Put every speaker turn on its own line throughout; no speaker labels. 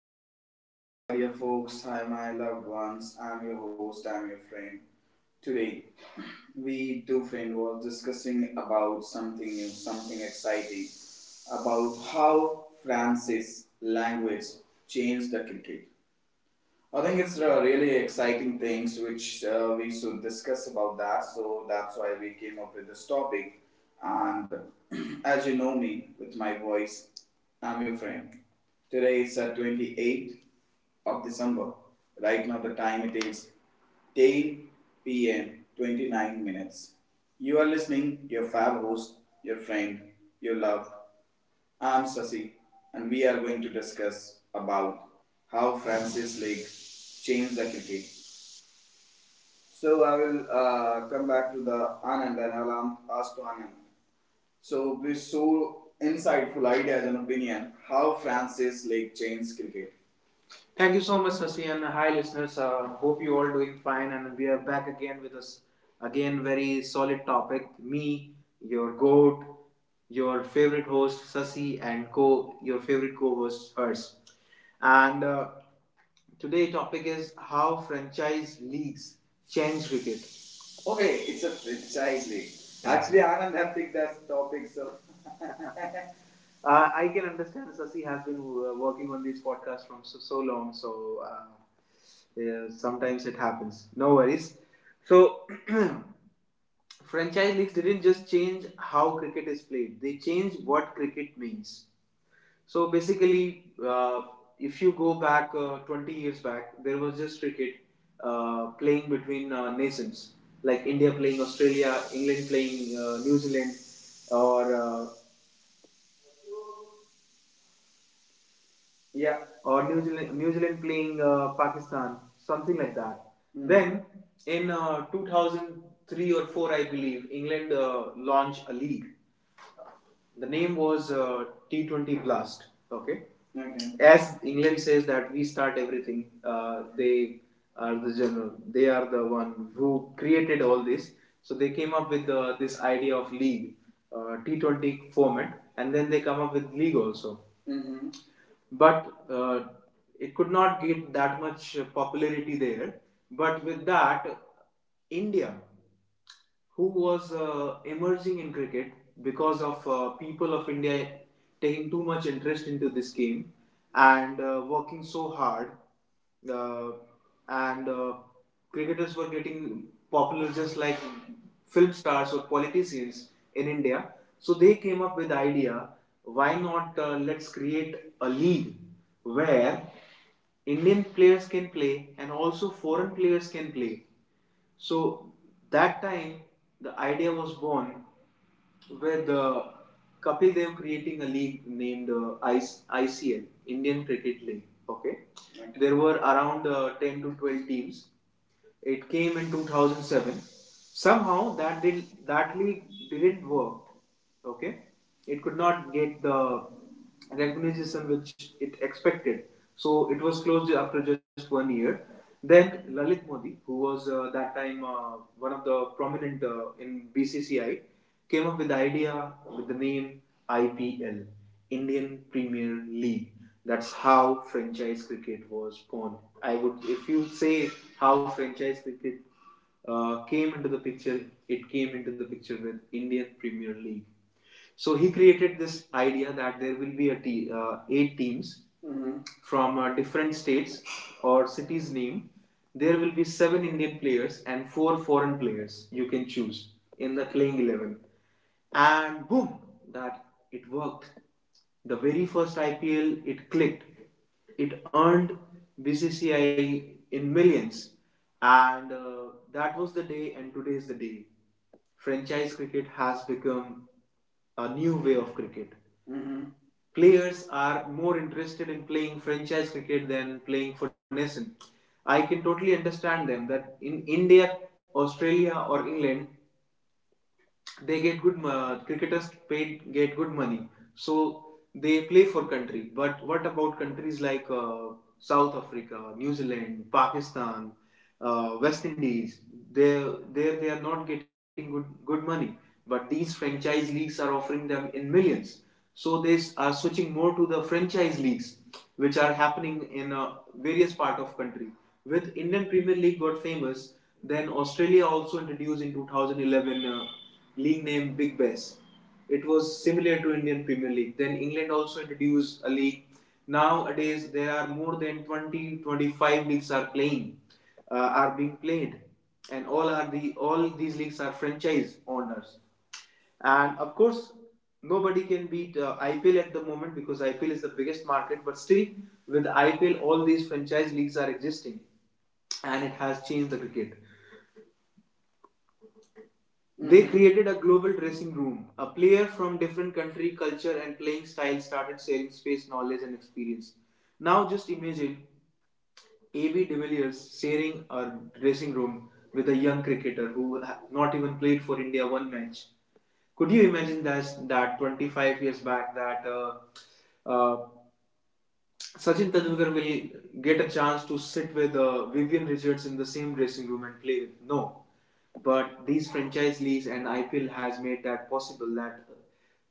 Hello, hi dear listener, hi dear folks, hi my loved ones. I'm your host, I'm your friend. Today, we two friends were discussing about something new, something exciting, about how France's language changed the cricket. I think it's really exciting things which we should discuss about that. So that's why we came up with this topic. And as you know me with my voice, I'm your friend. Today is 28th of December. Right now the time it is 10 p.m. 29 minutes. You are listening your fab host, your friend, your love, I'm Sasi, and we are going to discuss about how Francis League changed the cricket. So I will come back to the Anand and I'll ask to Anand. So we saw insightful ideas and opinion how Francis League changed cricket. Thank you so much, Sasi, and hi, listeners. Hope you all doing fine, and we are back again with us again very solid topic. Me, your goat, your favorite host Sasi, and co your favorite co-host Hers. And Today topic is how franchise leagues change cricket. Okay, it's a franchise league. Yeah. Actually, Anand have picked that topic, so I can understand Sasi has been working on this podcast from so, so long, so yeah, sometimes it happens. No worries. So, franchise leagues didn't just change how cricket is played, they changed what cricket means. So, basically, if you go back 20 years back, there was just cricket playing between nations like India playing Australia, England playing New Zealand, or Yeah. New Zealand playing Pakistan, something like that. Mm. Then in 2003 or 4, I believe, England launched a league. The name was T20 Blast. Okay. Okay. As England says that we start everything, they are the general. They are the one who created all this. So they came up with this idea of league, T20 format, and then they come up with league also. Mm-hmm. But it could not get that much popularity there. But with that, India, who was emerging in cricket because of people of India taking too much interest into this game and working so hard uh, and cricketers were getting popular just like film stars or politicians in India. So they came up with the idea: why not let's create a league where Indian players can play and also foreign players can play. So that time the idea was born with Kapil Dev creating a league named ICL, Indian Cricket League. Okay, there were around 10 to 12 teams it came in 2007. Somehow that league didn't work. Okay, it could not get the recognition which it expected. So it was closed after just 1 year. Then Lalit Modi, who was that time one of the prominent in BCCI, came up with the idea with the name IPL. Indian Premier League. That's how franchise cricket was born. I would, if you say how franchise cricket came into the picture, it came into the picture with Indian Premier League. So he created this idea that there will be eight teams, mm-hmm, from different states or cities name. There will be seven Indian players and four foreign players you can choose in the playing 11. And boom, that it worked the very first IPL, it clicked. It earned BCCI in millions, and that was the day, and today is the day. Franchise cricket has become a new way of cricket. Mm-hmm. Players are more interested in playing franchise cricket than playing for nation. I can totally understand them that in India, Australia, or England, they get good cricketers paid get good money, so they play for country. But what about countries like South Africa, New Zealand, Pakistan, West Indies? There, there they are not getting good money, but these franchise leagues are offering them in millions, so they are switching more to the franchise leagues, which are happening in various part of country. With Indian Premier League got famous, then Australia also introduced in 2011 league name Big Bash. It was similar to Indian Premier League. Then England also introduced a league. Nowadays there are more than 20 to 25 leagues are playing are being played, and all these leagues are franchise owners, and of course, nobody can beat IPL at the moment because IPL is the biggest market. But still, with IPL, all these franchise leagues are existing, and it has changed the cricket. Mm-hmm. They created a global dressing room. A player from different country, culture, and playing style started sharing space, knowledge, and experience. Now, just imagine AB de Villiers sharing a dressing room with a young cricketer who not even played for India one match. Could you imagine that that 25 years back that uh, Sachin Tendulkar will get a chance to sit with Vivian Richards in the same dressing room and play with? No, but these franchise leagues and IPL has made that possible that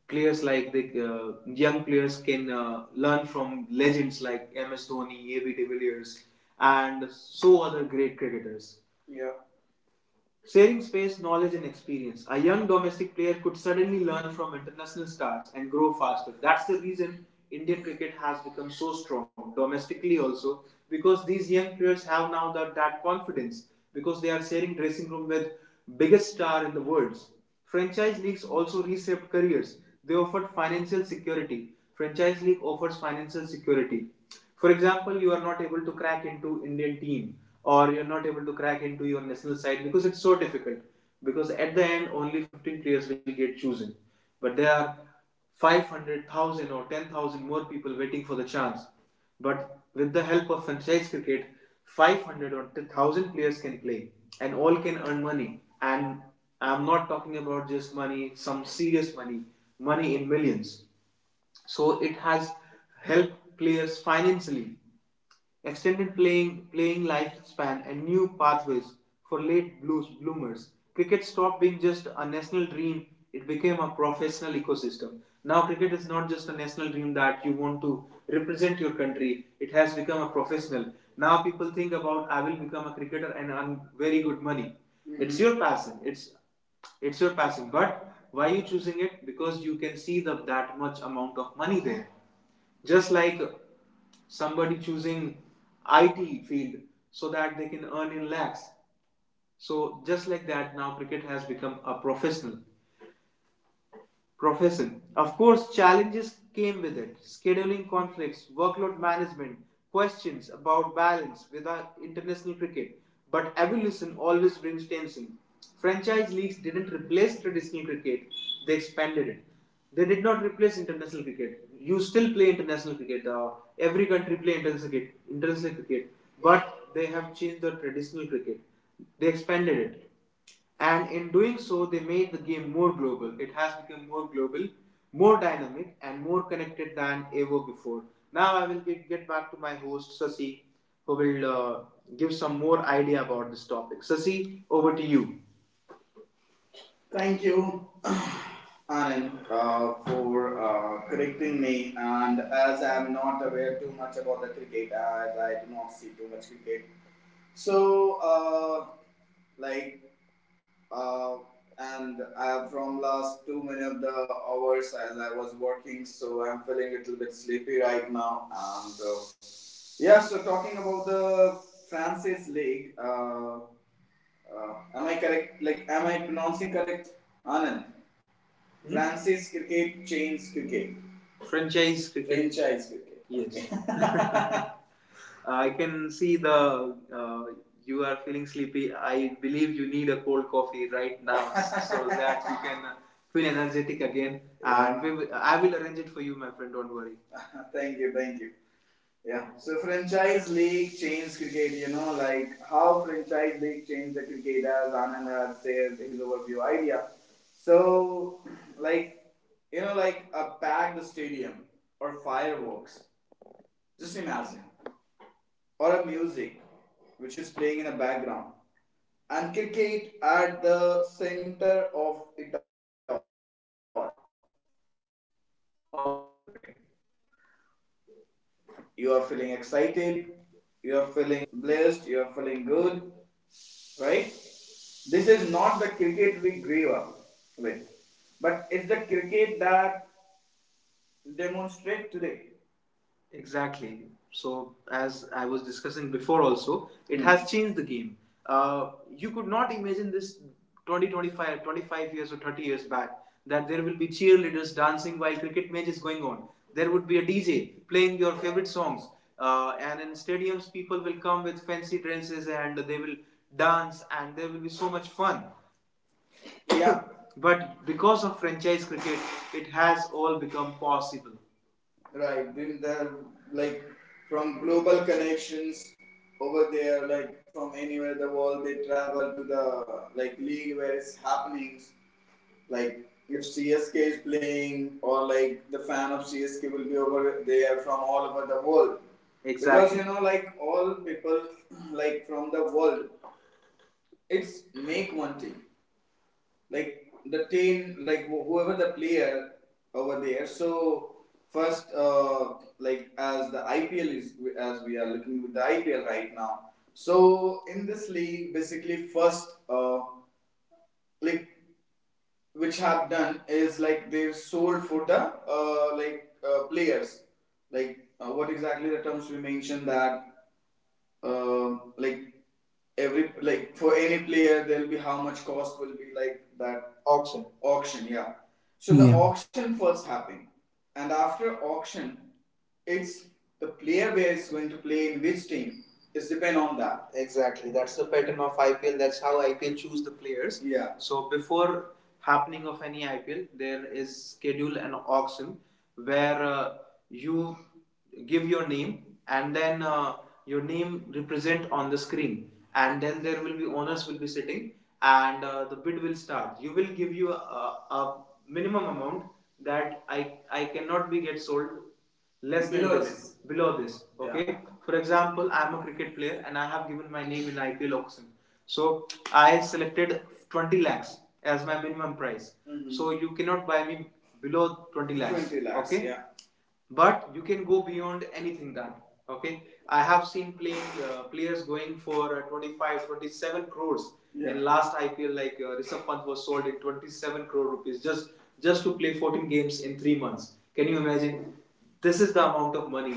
players like the young players can learn from legends like MS Dhoni, AB de Villiers, and so other great cricketers. Yeah. Sharing space, knowledge, and experience. A young domestic player could suddenly learn from international stars and grow faster. That's the reason Indian cricket has become so strong, domestically also, because these young players have now that confidence, because they are sharing dressing room with biggest star in the world. Franchise leagues also reshaped careers. They offered financial security. Franchise league offers financial security. For example, you are not able to crack into Indian team, or you're not able to crack into your national side because it's so difficult. Because at the end, only 15 players will get chosen. But there are 500,000 or 10,000 more people waiting for the chance. But with the help of franchise cricket, 500 or 1000 players can play and all can earn money. And I'm not talking about just money, some serious money, money in millions. So it has helped players financially, extended playing lifespan and new pathways for late blues bloomers. Cricket stopped being just a national dream; it became a professional ecosystem. Now, cricket is not just a national dream that you want to represent your country; it has become a professional. Now, people think about I will become a cricketer and earn very good money. Mm-hmm. It's your passion. It's your passion. But why are you choosing it? Because you can see the that much amount of money there. Just like somebody choosing IT field so that they can earn in lakhs. So just like that, now cricket has become a professional profession. Of course, challenges came with it: scheduling conflicts, workload management, questions about balance with our international cricket. But evolution always brings tension. Franchise leagues didn't replace traditional cricket, they expanded it. They did not replace international cricket. You still play international cricket. Every country play international cricket, but they have changed the traditional cricket. They expanded it, and in doing so they made the game more global. It has become more global, more dynamic and more connected than ever before. Now I will get back to my host Sasi, who will give some more idea about this topic. Sasi, over to you. Thank you, Anand, for correcting me. And as I'm not aware too much about the cricket, as I do not see too much cricket, so uh, like uh, and from last too many of the hours as I was working, so I'm feeling a little bit sleepy right now. And Yeah, so talking about the Francis League, am I correct? Like, am I pronouncing correct, Anand? Mm-hmm. Francis Cricket Chains Cricket. Franchise cricket. Franchise cricket. Yes. Okay. I can see the you are feeling sleepy. I believe you need a cold coffee right now so that you can feel energetic again. Yeah. And we will, I will arrange it for you, my friend. Don't worry. Thank you, thank you. Yeah. So franchise league changed cricket. You know, like how franchise league changed the cricket as Anand has shared his overview idea. So, like you know, like a packed stadium or fireworks. Just imagine or a music which is playing in the background and cricket at the center of it all, how you are feeling. You are feeling excited, you are feeling blessed, you are feeling good, right? This is not the cricket we grew up with, but it's the cricket that demonstrate today. Exactly. So, as I was discussing before, also, it has changed the game. You could not imagine this 25 years or 30 years back that there will be cheerleaders dancing while cricket match is going on. There would be a DJ playing your favorite songs. And in stadiums, people will come with fancy dresses and they will dance, and there will be so much fun. Yeah. But because of franchise cricket, it has all become possible. Right. Didn't there, like, from global connections over there, like from anywhere in the world, they travel to the, like, league where it's happening. Like if CSK is playing, or like the fan of CSK will be over there from all over the world. Exactly. Because, exactly, like all people, like from the world, it's make one thing, like the team, like whoever the player over there. So first, like as the IPL is as we are looking with the IPL right now. So in this league, basically first, like which have done is like they've sold for the like players. Like what exactly the terms we mentioned, that like every, like for any player there'll be how much cost will be, like that. Auction, auction, yeah. So the
Yeah.
auction first happened and after auction it's the player where is going to play in which team is depend on that. Exactly. That's the pattern of IPL. That's how IPL choose the players. Yeah. So before happening of any IPL, there is schedule an auction where you give your name and then your name represent on the screen, and then there will be owners will be sitting and the bid will start. You will give you a minimum amount that I cannot be get sold less. Below than this, this. Below this. Okay. Yeah. For example, I am a cricket player and I have given my name in IPL auction, so I selected 20 lakhs as my minimum price. Mhm. So you cannot buy me below 20 lakhs. 20 lakhs, okay. Yeah, but you can go beyond anything, that okay. I have seen playing, players going for 25 27 crores. Yeah. In last IPL, like Rishabh Pant was sold in 27 crore rupees, just to play 14 games in 3 months. Can you imagine? This is the amount of money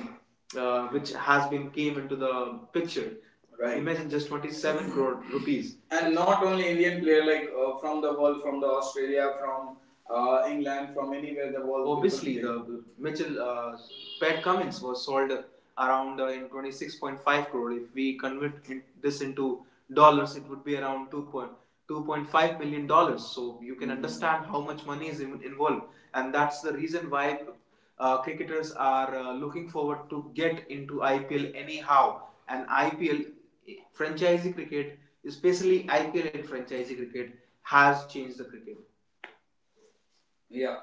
which has been came into the picture. Right. Imagine just 27 crore rupees. And not only Indian player, like from the world, from the Australia, from England, from anywhere the world. Obviously, the Mitchell, Pat Cummins was sold around, in 26.5 crore. If we convert in, this into dollars, it would be around 2.2.5 million dollars. So you can, mm-hmm, understand how much money is involved, and that's the reason why cricketers are looking forward to get into IPL anyhow. And IPL, franchisee cricket, especially IPL and franchisee cricket, has changed the cricket. Yeah.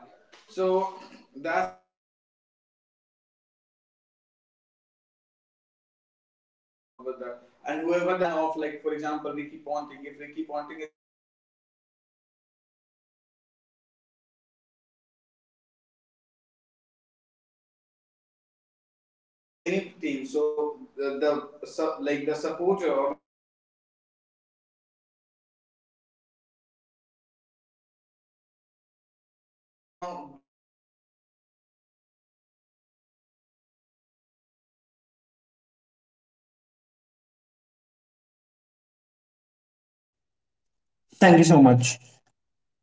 So that's the thing. Like after auction, people got selected and they are going to play for all over the, and whoever the fan of, like for example, Ricky Ponting. If Ricky Ponting is playing with any of the team in between CSK or Delhi or like Rajasthan or like other teams who are over there. So any team, so the like the supporter or like the loved ones is going to come over there to support that
Thank you so much.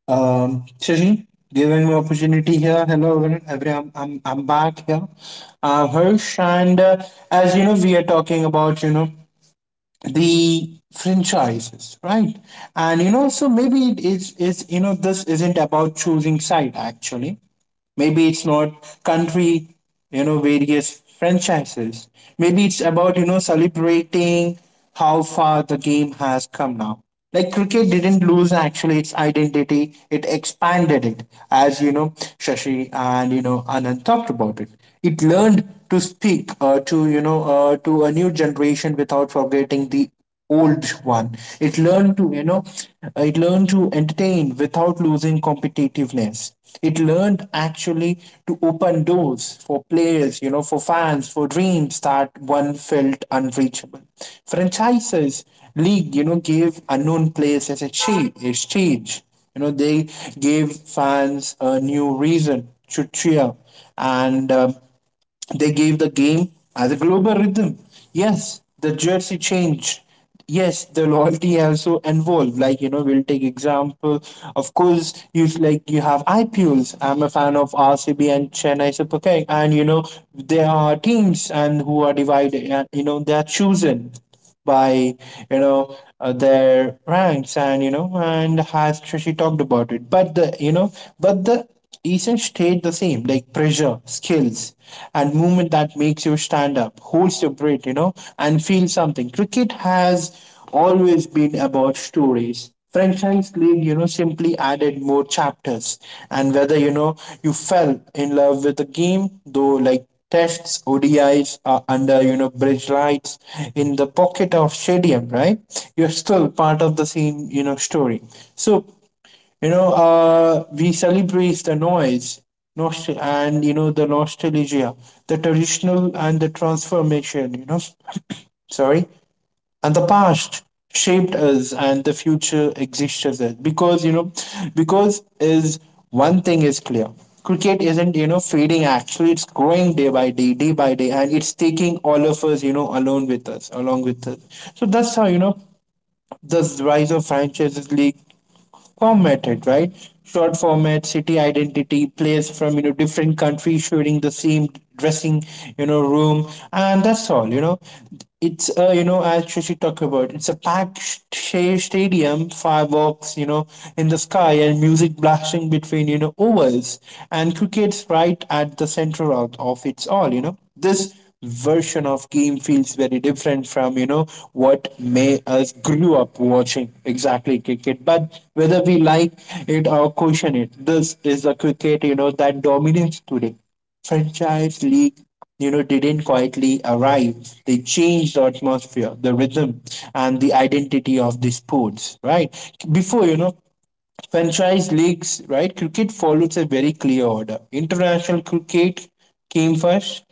Shashi, giving me opportunity here. Hello, everyone. I'm back here. I'm Hirsch, and as you know, we are talking about, you know, the franchises, right? And, you know, so maybe you know, this isn't about choosing side, actually. Maybe it's not country, you know, various franchises, maybe it's about, you know, celebrating how far the game has come now. Like cricket didn't lose actually its identity, it expanded it. As you know, Shashi and, you know, Anand talked about it, it learned to speak, to, you know, to a new generation without forgetting the old one. It learned to, you know, it learned to entertain without losing competitiveness. It learned actually to open doors for players, you know, for fans, for dreams that one felt unreachable. Franchises league, you know, gave unknown players as a exchange. You know, they gave fans a new reason to cheer and. They gave the game as a global rhythm. Yes, the jersey changed. Yes, the loyalty also involved. Like, you know, we'll take example. Of course, you like you have IPLs. I'm a fan of RCB and Chennai Super King, and you know there are teams and who are divided. And you know they are chosen by, you know, their ranks, and you know, and has she talked about it, but the, you know, but the essence stayed the same, like pressure, skills and movement that makes you stand up, holds your breath, you know, and feel something. Cricket has always been about stories. Franchise league, you know, simply added more chapters. And whether, you know, you fell in love with the game though like tests, ODIs are under, you know, bridge lights, in the pocket of stadium, right, you're still part of the same, you know, story. So, you know, we celebrate the noise, and you know the nostalgia, the traditional and the transformation, you know. Sorry. And the past shaped us and the future exists as well. Because, you know, because is one thing is clear, cricket isn't, you know, fading actually, it's growing day by day, day by day, and it's taking all of us, you know, along with us, along with us. So that's how, you know, the rise of franchises league formatted, right? Short format, city identity, players from, you know, different countries sharing the same dressing, you know, room, and that's all. You know, it's you know, as Shashi talked about, it's a packed stadium, fireworks, you know, in the sky, and music blasting between, you know, overs, and cricket's right at the center of, it's all. You know, this version of game feels very different from, you know, what may us grew up watching exactly cricket. But whether we like it or question it, this is a cricket, you know, that dominates today. Franchise league, you know, didn't quietly arrive, they changed the atmosphere, the rhythm and the identity of the sports, right? Before, you know, franchise leagues, right? Cricket follows a very clear order. International cricket came first,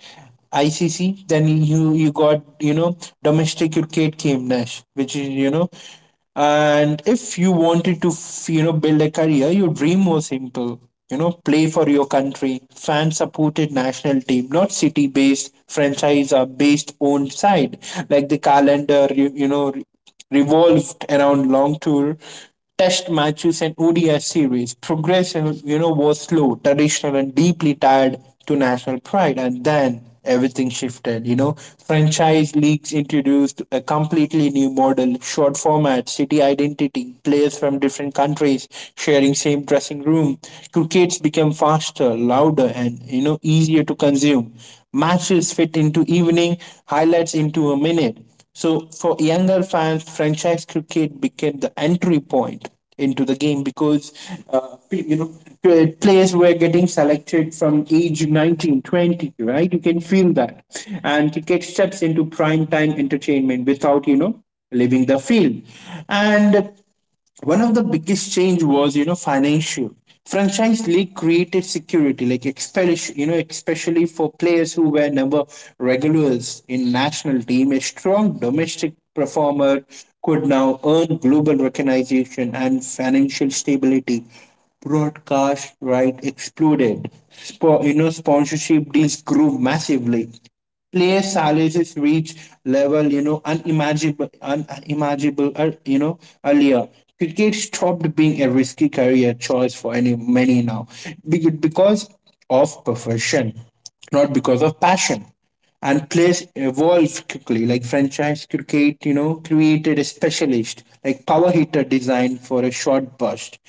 ICC. Then you got, you know, domestic cricket came next, which is, you know. And if you wanted to you know, build a career, your dream was simple. You know, play for your country, fan supported national team, not city based franchise or based owned side, like the calendar. You know, revolved around long tour, test matches and ODI series. Progression, you know, was slow, traditional, and deeply tied to national pride. And then everything shifted. You know, franchise leagues introduced a completely new model, short format, city identity, players from different countries sharing same dressing room. Crickets became faster, louder, and you know easier to consume. Matches fit into evening, highlights into a minute. So for younger fans, franchise cricket became the entry point into the game because, uh, you know, players were getting selected from age 19, 20, right, you can feel that. And cricket steps into prime time entertainment without, you know, leaving the field. And one of the biggest change was, you know, financial. Franchise league created security, like especially, especially for players who were never regulars in national team. A strong domestic performer could now earn global recognition and financial stability. Broadcast right exploded. You know, sponsorship deals grew massively, player salaries reach level, you know, unimaginable, you know, earlier. Cricket stopped being a risky career choice for any many now. Because of profession, not because of passion. And players evolved quickly, like franchise cricket, you know, created a specialist, like power hitter designed for a short burst,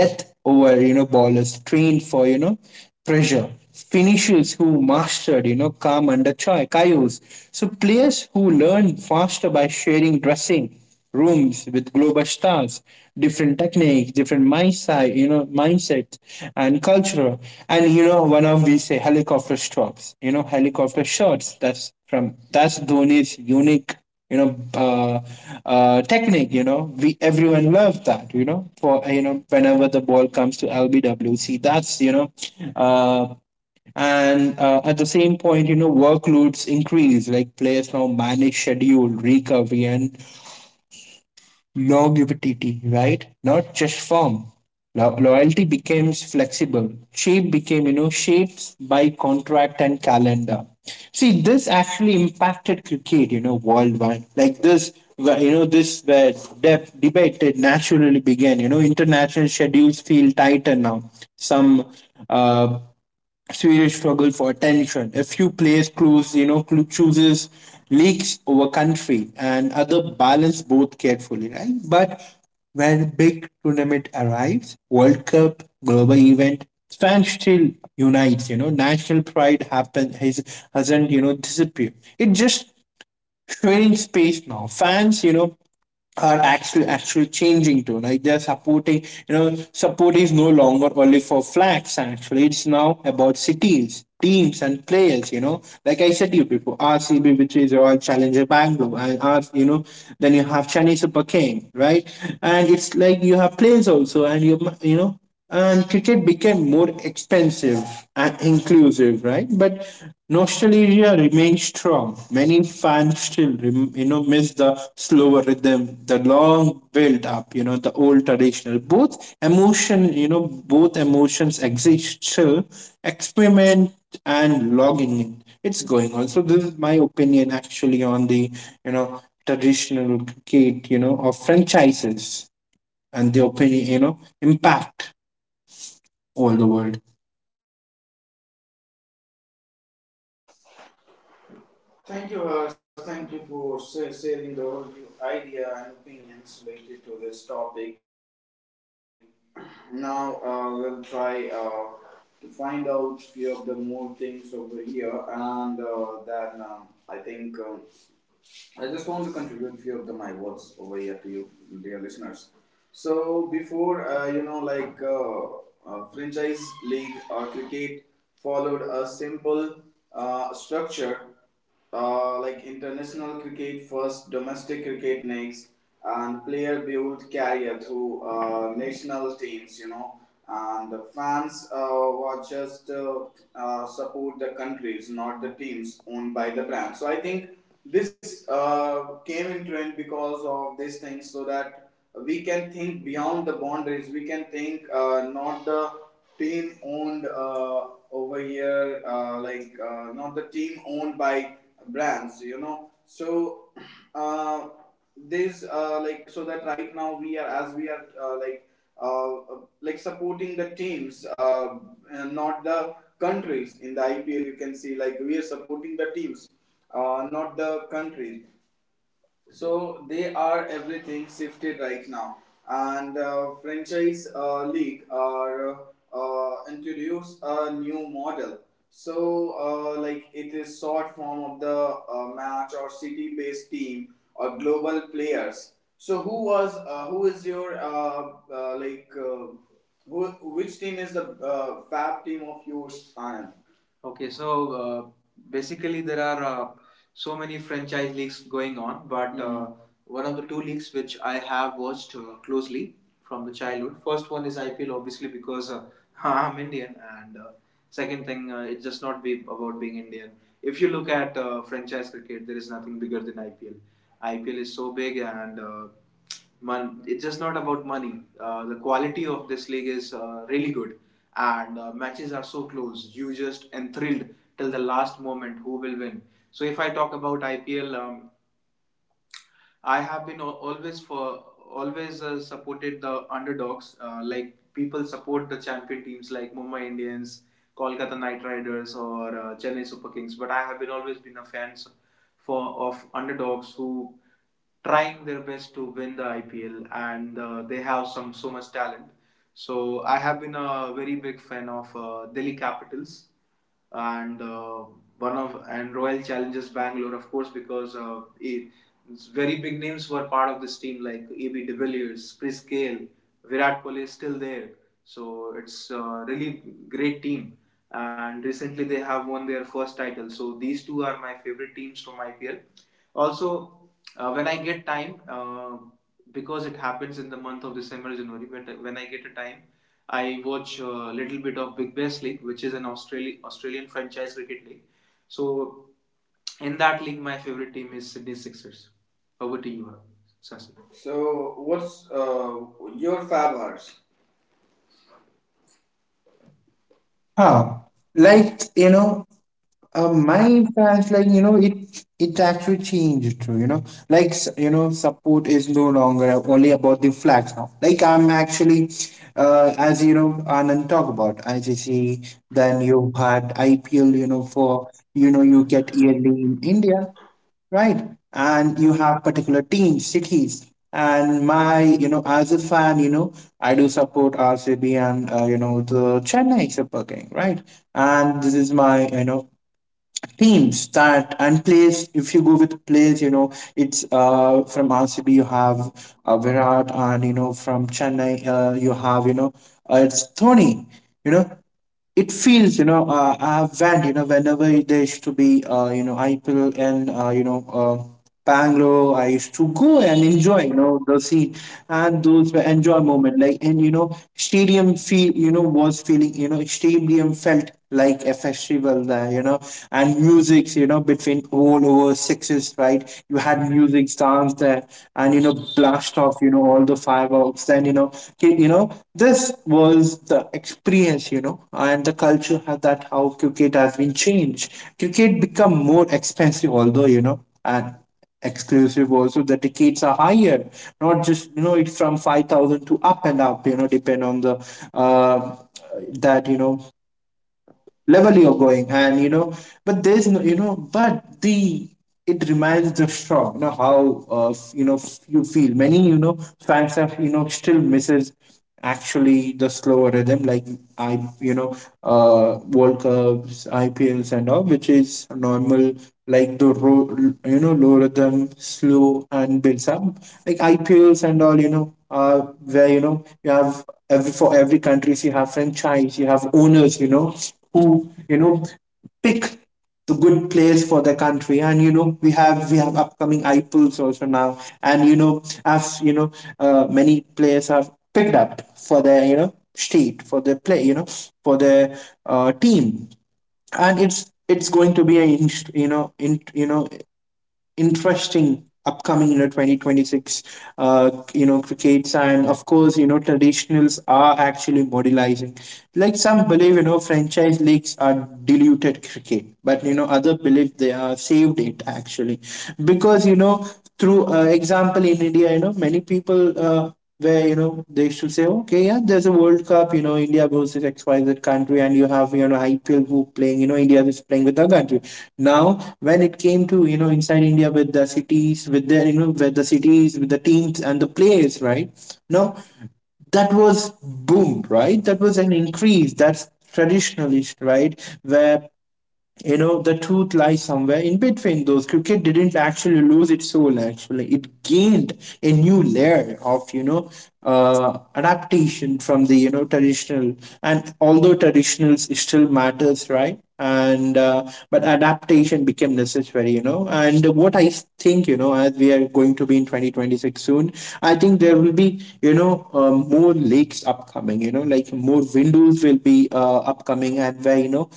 death over, you know, ballers trained for, you know, pressure, finishers who mastered, you know, calm under choy chaos. So players who learned faster by sharing dressing rooms with global stars, different techniques, different mindset, you know, mindset and culture. And you know, one of we say helicopter shots, you know, helicopter shots, that's from, that's Dhoni's unique, you know, technique, you know. We everyone loves that, you know, for, you know, whenever the ball comes to lbwc, that's, you know, uh, and at the same point, you know, workloads increase, like players now manage schedule, recovery and longevity, right? Not just form. Loyalty becomes flexible. Shape became, you know, shapes by contract and calendar. See, this actually impacted cricket, you know, worldwide. Like this, you know, this where debate it naturally began. You know, international schedules feel tighter now. Some uh, Swedish struggle for attention. A few players close, you know, chooses leagues over country, and other balance both carefully, right? But when big tournament arrives, World Cup, global event, fans still unites, you know, national pride happen has hasn't, you know, disappeared. It just strange space now. Fans, you know, are actually changing to, like they're supporting, you know, support is no longer only for flags, actually it's now about cities, teams and players, you know. Like I said to you before, RCB, which is Royal Challenger Bangalore, and R, you know, then you have Chennai Super King, right? And it's like you have players also, and you know. And cricket became more expensive and inclusive, right? But nostalgia remains strong. Many fans still, you know, miss the slower rhythm, the long build up, you know, the old traditional. Both emotion, you know, both emotions exist still. Experiment and logging in. It's going on. So this is my opinion actually on the, you know, traditional cricket, you know, of franchises, and the opinion, you know, impact all the world.
Thank you, Harsh. Thank you for sharing the whole new idea and opinions related to this topic. Now, we'll try to find out few of the more things over here, and then I think I just want to contribute few of the my words over here to you, dear listeners. So before franchise league or cricket followed a simple structure like international cricket first, domestic cricket next, and player build career through national teams. And the fans were just support the countries, not the teams owned by the brand. So I think this came in trend because of these things, so that we can think beyond the boundaries. We can think not the team owned over here, not the team owned by brands. So uh, this like so that right now we are as we are like supporting the teams, and not the countries. In the IPL, you can see like we are supporting the teams, not the countries. So they are everything shifted right now, and franchise league are introduce a new model. So like it is short form of the match or city based team or global players. So who is your uh, like uh, who, which team is the fab team of yours? Anand? Okay, so basically there are so many franchise leagues going on, but one of the two leagues which I have watched closely from the childhood. First one is IPL, obviously, because I'm Indian, and second thing, it's just not be about being Indian. If you look at franchise cricket, there is nothing bigger than IPL. IPL is so big, and it's just not about money. The quality of this league is really good, and matches are so close. You just enthralled till the last moment who will win. So if I talk about IPL, I have been always for always supported the underdogs. Like people support the champion teams like Mumbai Indians, Kolkata Knight Riders, or Chennai Super Kings. But I have been always been a fan for of underdogs who trying their best to win the IPL, and they have some so much talent. So I have been a very big fan of Delhi Capitals and one of and Royal Challengers Bangalore, of course, because very big names were part of this team like AB de Villiers, Chris Gale, Virat Kohli is still there. So it's a really great team. And recently they have won their first title. So these two are my favorite teams from IPL. Also, when I get time, because it happens in the month of December, January, but when I get a time, I watch a little bit of Big Bash League, which is an Australian franchise cricket league. So in that league, my favorite team is Sydney Sixers. Over to you, Sasi. So, what's your 5 hours?
Huh. Like, you know, my influence, like you know, it actually changed too. You know, like you know, support is no longer only about the flags now. Like I'm actually, as you know, Anand talk about ICC. Then you had IPL. You know, for, you know, you get yearly in India, right? And you have particular teams, cities. And my, you know, as a fan, you know, I do support RCB and you know, the Chennai Super King, right? And this is my, you know, teams that and players. If you go with players, you know, it's from RCB you have Virat, and you know from Chennai you have, you know, it's Tony. You know, it feels, you know, I've went, you know, whenever there used to be, you know, IPL, and you know, Bangalore, I used to go and enjoy, you know, the scene, and those were enjoy moment, like, and you know, stadium feel you know, was feeling you know, stadium felt like a festival there, you know, and music, you know, between all over sixes, right, you had music, dance there, and you know, blast off, you know, all the fireworks, and you know, you know, this was the experience, you know, and the culture had, that how cricket has been changed. Cricket become more expensive, although, you know, and exclusive also, the tickets are higher, not just, you know, it's from 5,000 to up and up, you know, depend on the, uh, that, you know, level you're going, and you know, but there's no, you know, but the it reminds the strong, you know, how you know, you feel, many, you know, fans have, you know, still misses actually the slower rhythm, like I, you know, world cups, IPLs and all, which is normal, like the you know, low rhythm, slow and builds up, like IPLs and all, you know, where, you know, you have every for every countries, you have franchise, you have owners, you know, who, you know, pick the good players for the country. And you know, we have upcoming IPLs also now, and you know, as you know, many players have picked up for their state for their play, for their team. And it's going to be a you know in you know interesting upcoming 2026 crickets. And of course traditionals are actually modernizing. Like some believe franchise leagues are diluted cricket, but other believe they are saved it actually, because through example in India, many people where they should say, okay, yeah, there's a World Cup, you know, India versus XYZ country, and you have IPL who playing, you know, India is playing with the country. Now, when it came to inside India with the cities, with their with the cities, with the teams and the players, right? Now, that was boom, right? That was an increase. That's traditionalist, right? Where the truth lies somewhere in between. Those cricket didn't actually lose its soul, actually it gained a new layer of adaptation from the traditional. And although traditionals still matters, right? And but adaptation became necessary, and what I think, as we are going to be in 2026 soon, I think there will be more lakes upcoming, like more windows will be upcoming, and where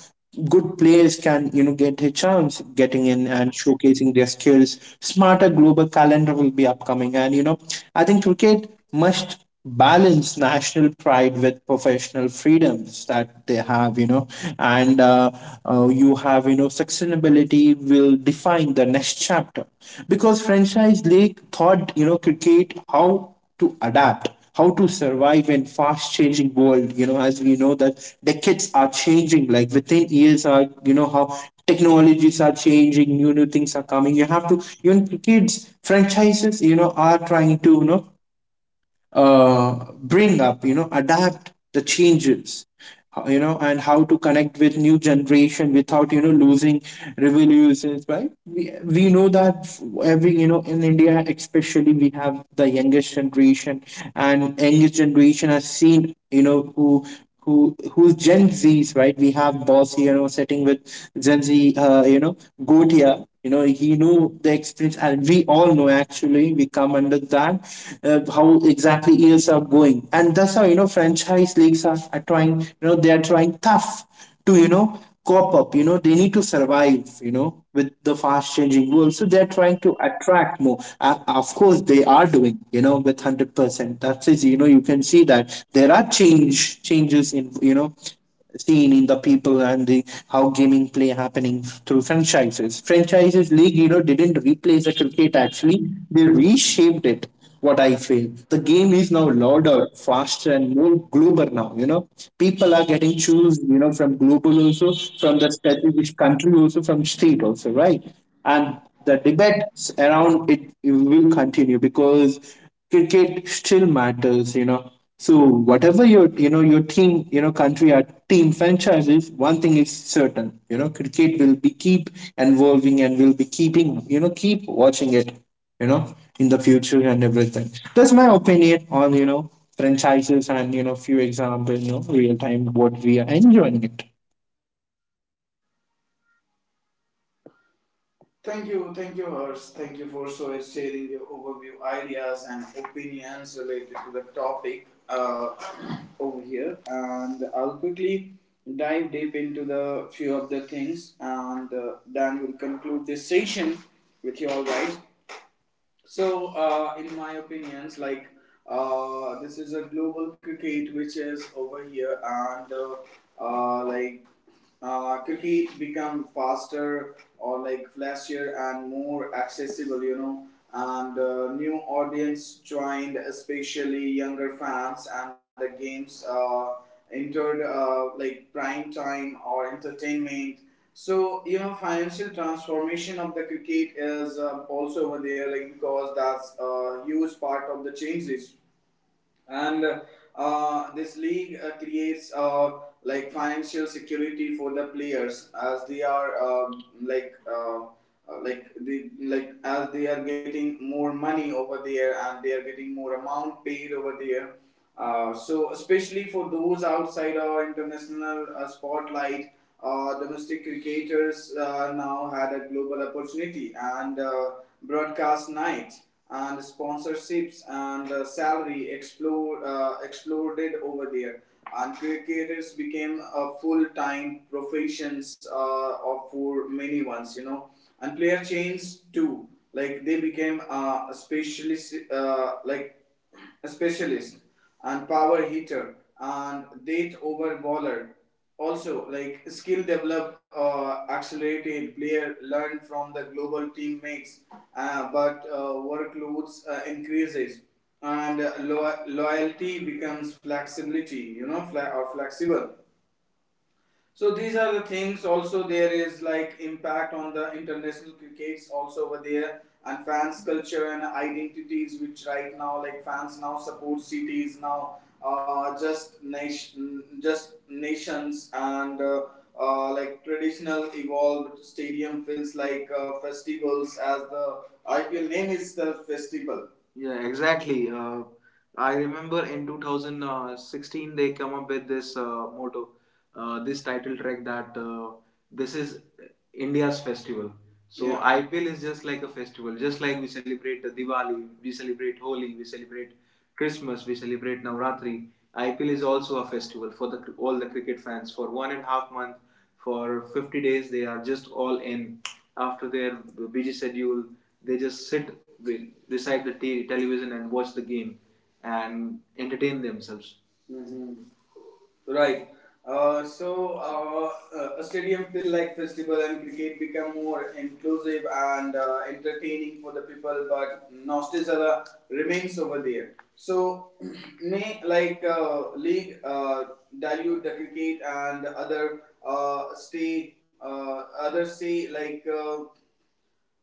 good players can get a chance getting in and showcasing their skills. Smarter global calendar will be upcoming, and I think cricket must balance national pride with professional freedoms that they have, and you have sustainability will define the next chapter, because franchise league thought cricket how to adapt, how to survive in fast changing world, as we know that the kids are changing, like within years are how technologies are changing, new things are coming. You have to, even kids franchises are trying to bring up, adapt the changes, and how to connect with new generation without, losing revolutions, right? We know that every, in India, especially we have the youngest generation, and youngest generation has seen, who who's Gen Zs, right? We have boss here, sitting with Gen Z, goat. You know, he know the experience, and we all know actually. We come under that how exactly years are going, and that's how franchise leagues are trying. You know, they are trying tough to cop up, they need to survive, with the fast changing world. So they're trying to attract more, and of course they are doing, with 100%. That's it. You know, you can see that there are changes in seen in the people, and the how gaming play happening through franchises league, didn't replace the cricket actually, they reshaped it, what I feel. The game is now louder, faster, and more global now. You know, people are getting choose. You know, from global also, from the strategic country also, from state also, right? And the debates around it will continue, because cricket still matters. You know, so whatever your your team, country or team franchise is, one thing is certain. You know, cricket will be keep evolving and will be keeping, keep watching it, you know, in the future and everything. That's my opinion on, franchises and, few examples, real time what we are enjoying it.
Thank you, Hers. Thank you for sharing your overview ideas and opinions related to the topic over here. And I'll quickly dive deep into the few of the things, and Dan will conclude this session with you all guys. So, in my opinions, like this is a global cricket which is over here, and uh, like cricket become faster or like flashier and more accessible. And new audience joined, especially younger fans, and the games entered like prime time or entertainment, so financial transformation of the cricket is also over there, like because that's a huge part of the changes, and this league creates like financial security for the players as they are like they like as they are getting more money over there and they are getting more amount paid over there so, especially for those outside our international spotlight, domestic cricketers now had a global opportunity and broadcast night and sponsorships and salary exploded over there. And cricketers became a full-time professions of for many ones. And player changed too. Like they became a specialist, a specialist and power hitter and date over bowler. Also, like skill develop, accelerated player learn from the global teammates, but workloads increases and loyalty becomes flexibility. Or flexible, so these are the things. Also, there is like impact on the international crickets also over there, and fans culture and identities, which right now like fans now support cities now, just nations and. Traditional evolved stadium feels like festivals as the IPL name itself festival. Yeah, exactly. I remember in 2016 they come up with this motto, this title track that this is India's festival. So yeah. IPL is just like a festival, just like we celebrate Diwali, we celebrate Holi, we celebrate Christmas, we celebrate Navratri. IPL is also a festival for the all the cricket fans. For 1.5 month, for 50 days, they are just all in. After their busy schedule, they just sit beside the television and watch the game and entertain themselves. Mhm. Right. So a stadium feel like festival and cricket become more inclusive and entertaining for the people, but nostalgia remains over there. So may like league dilute the cricket and others say like. Uh,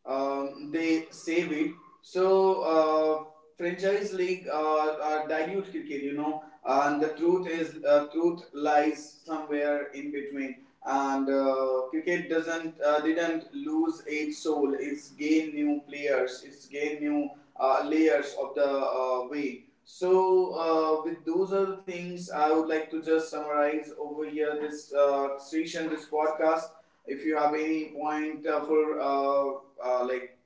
um, They save it. So franchise league are dilute cricket, you know, and the truth is truth lies somewhere in between. And cricket doesn't didn't lose its soul. It's gained new players. It's gained new layers of the way. So with those are the things I would like to just summarize over here this session, this podcast, if you have any point uh, like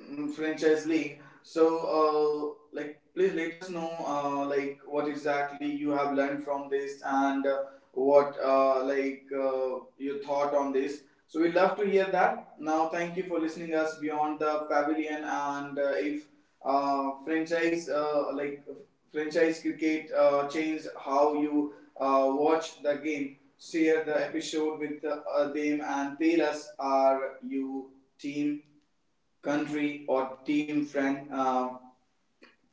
franchise league. So, uh, like, please let us know, like, what exactly you have learned from this, and what, like, your thought on this. So, we love to hear that. Now, thank you for listening us beyond the pavilion. And if franchise, franchise cricket changed how you watch the game, share the episode with them and tell us, are you team country or team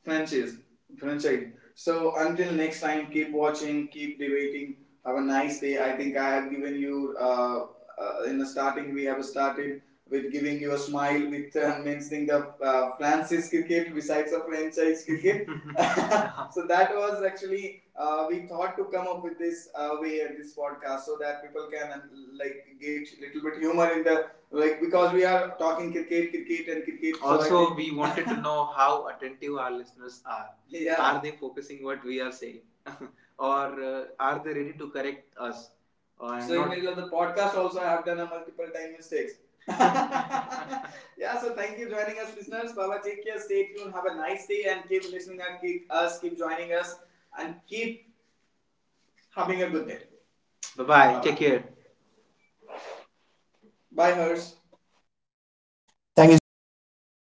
franchise franchise? So until next time, keep watching, keep debating, have a nice day. I think I have given you in the starting we have started with giving you a smile with mentioning the franchise cricket besides the franchise cricket. So that was actually we thought to come up with this way at this podcast, so that people can like get a little bit humor in the like, because we are talking cricket, cricket, and cricket. So Also, we wanted to know how attentive our listeners are. Yeah. Are they focusing what we are saying, or are they ready to correct us? Or so, in middle of the podcast also, I have done a multiple time mistakes. Yeah, so thank you for joining us, listeners. Baba, take care, stay tuned, have a nice day, and keep listening, and keep joining us and keep having a good day. Bye bye. Take care. Bye, Hers.
Thank you so much, Shashi.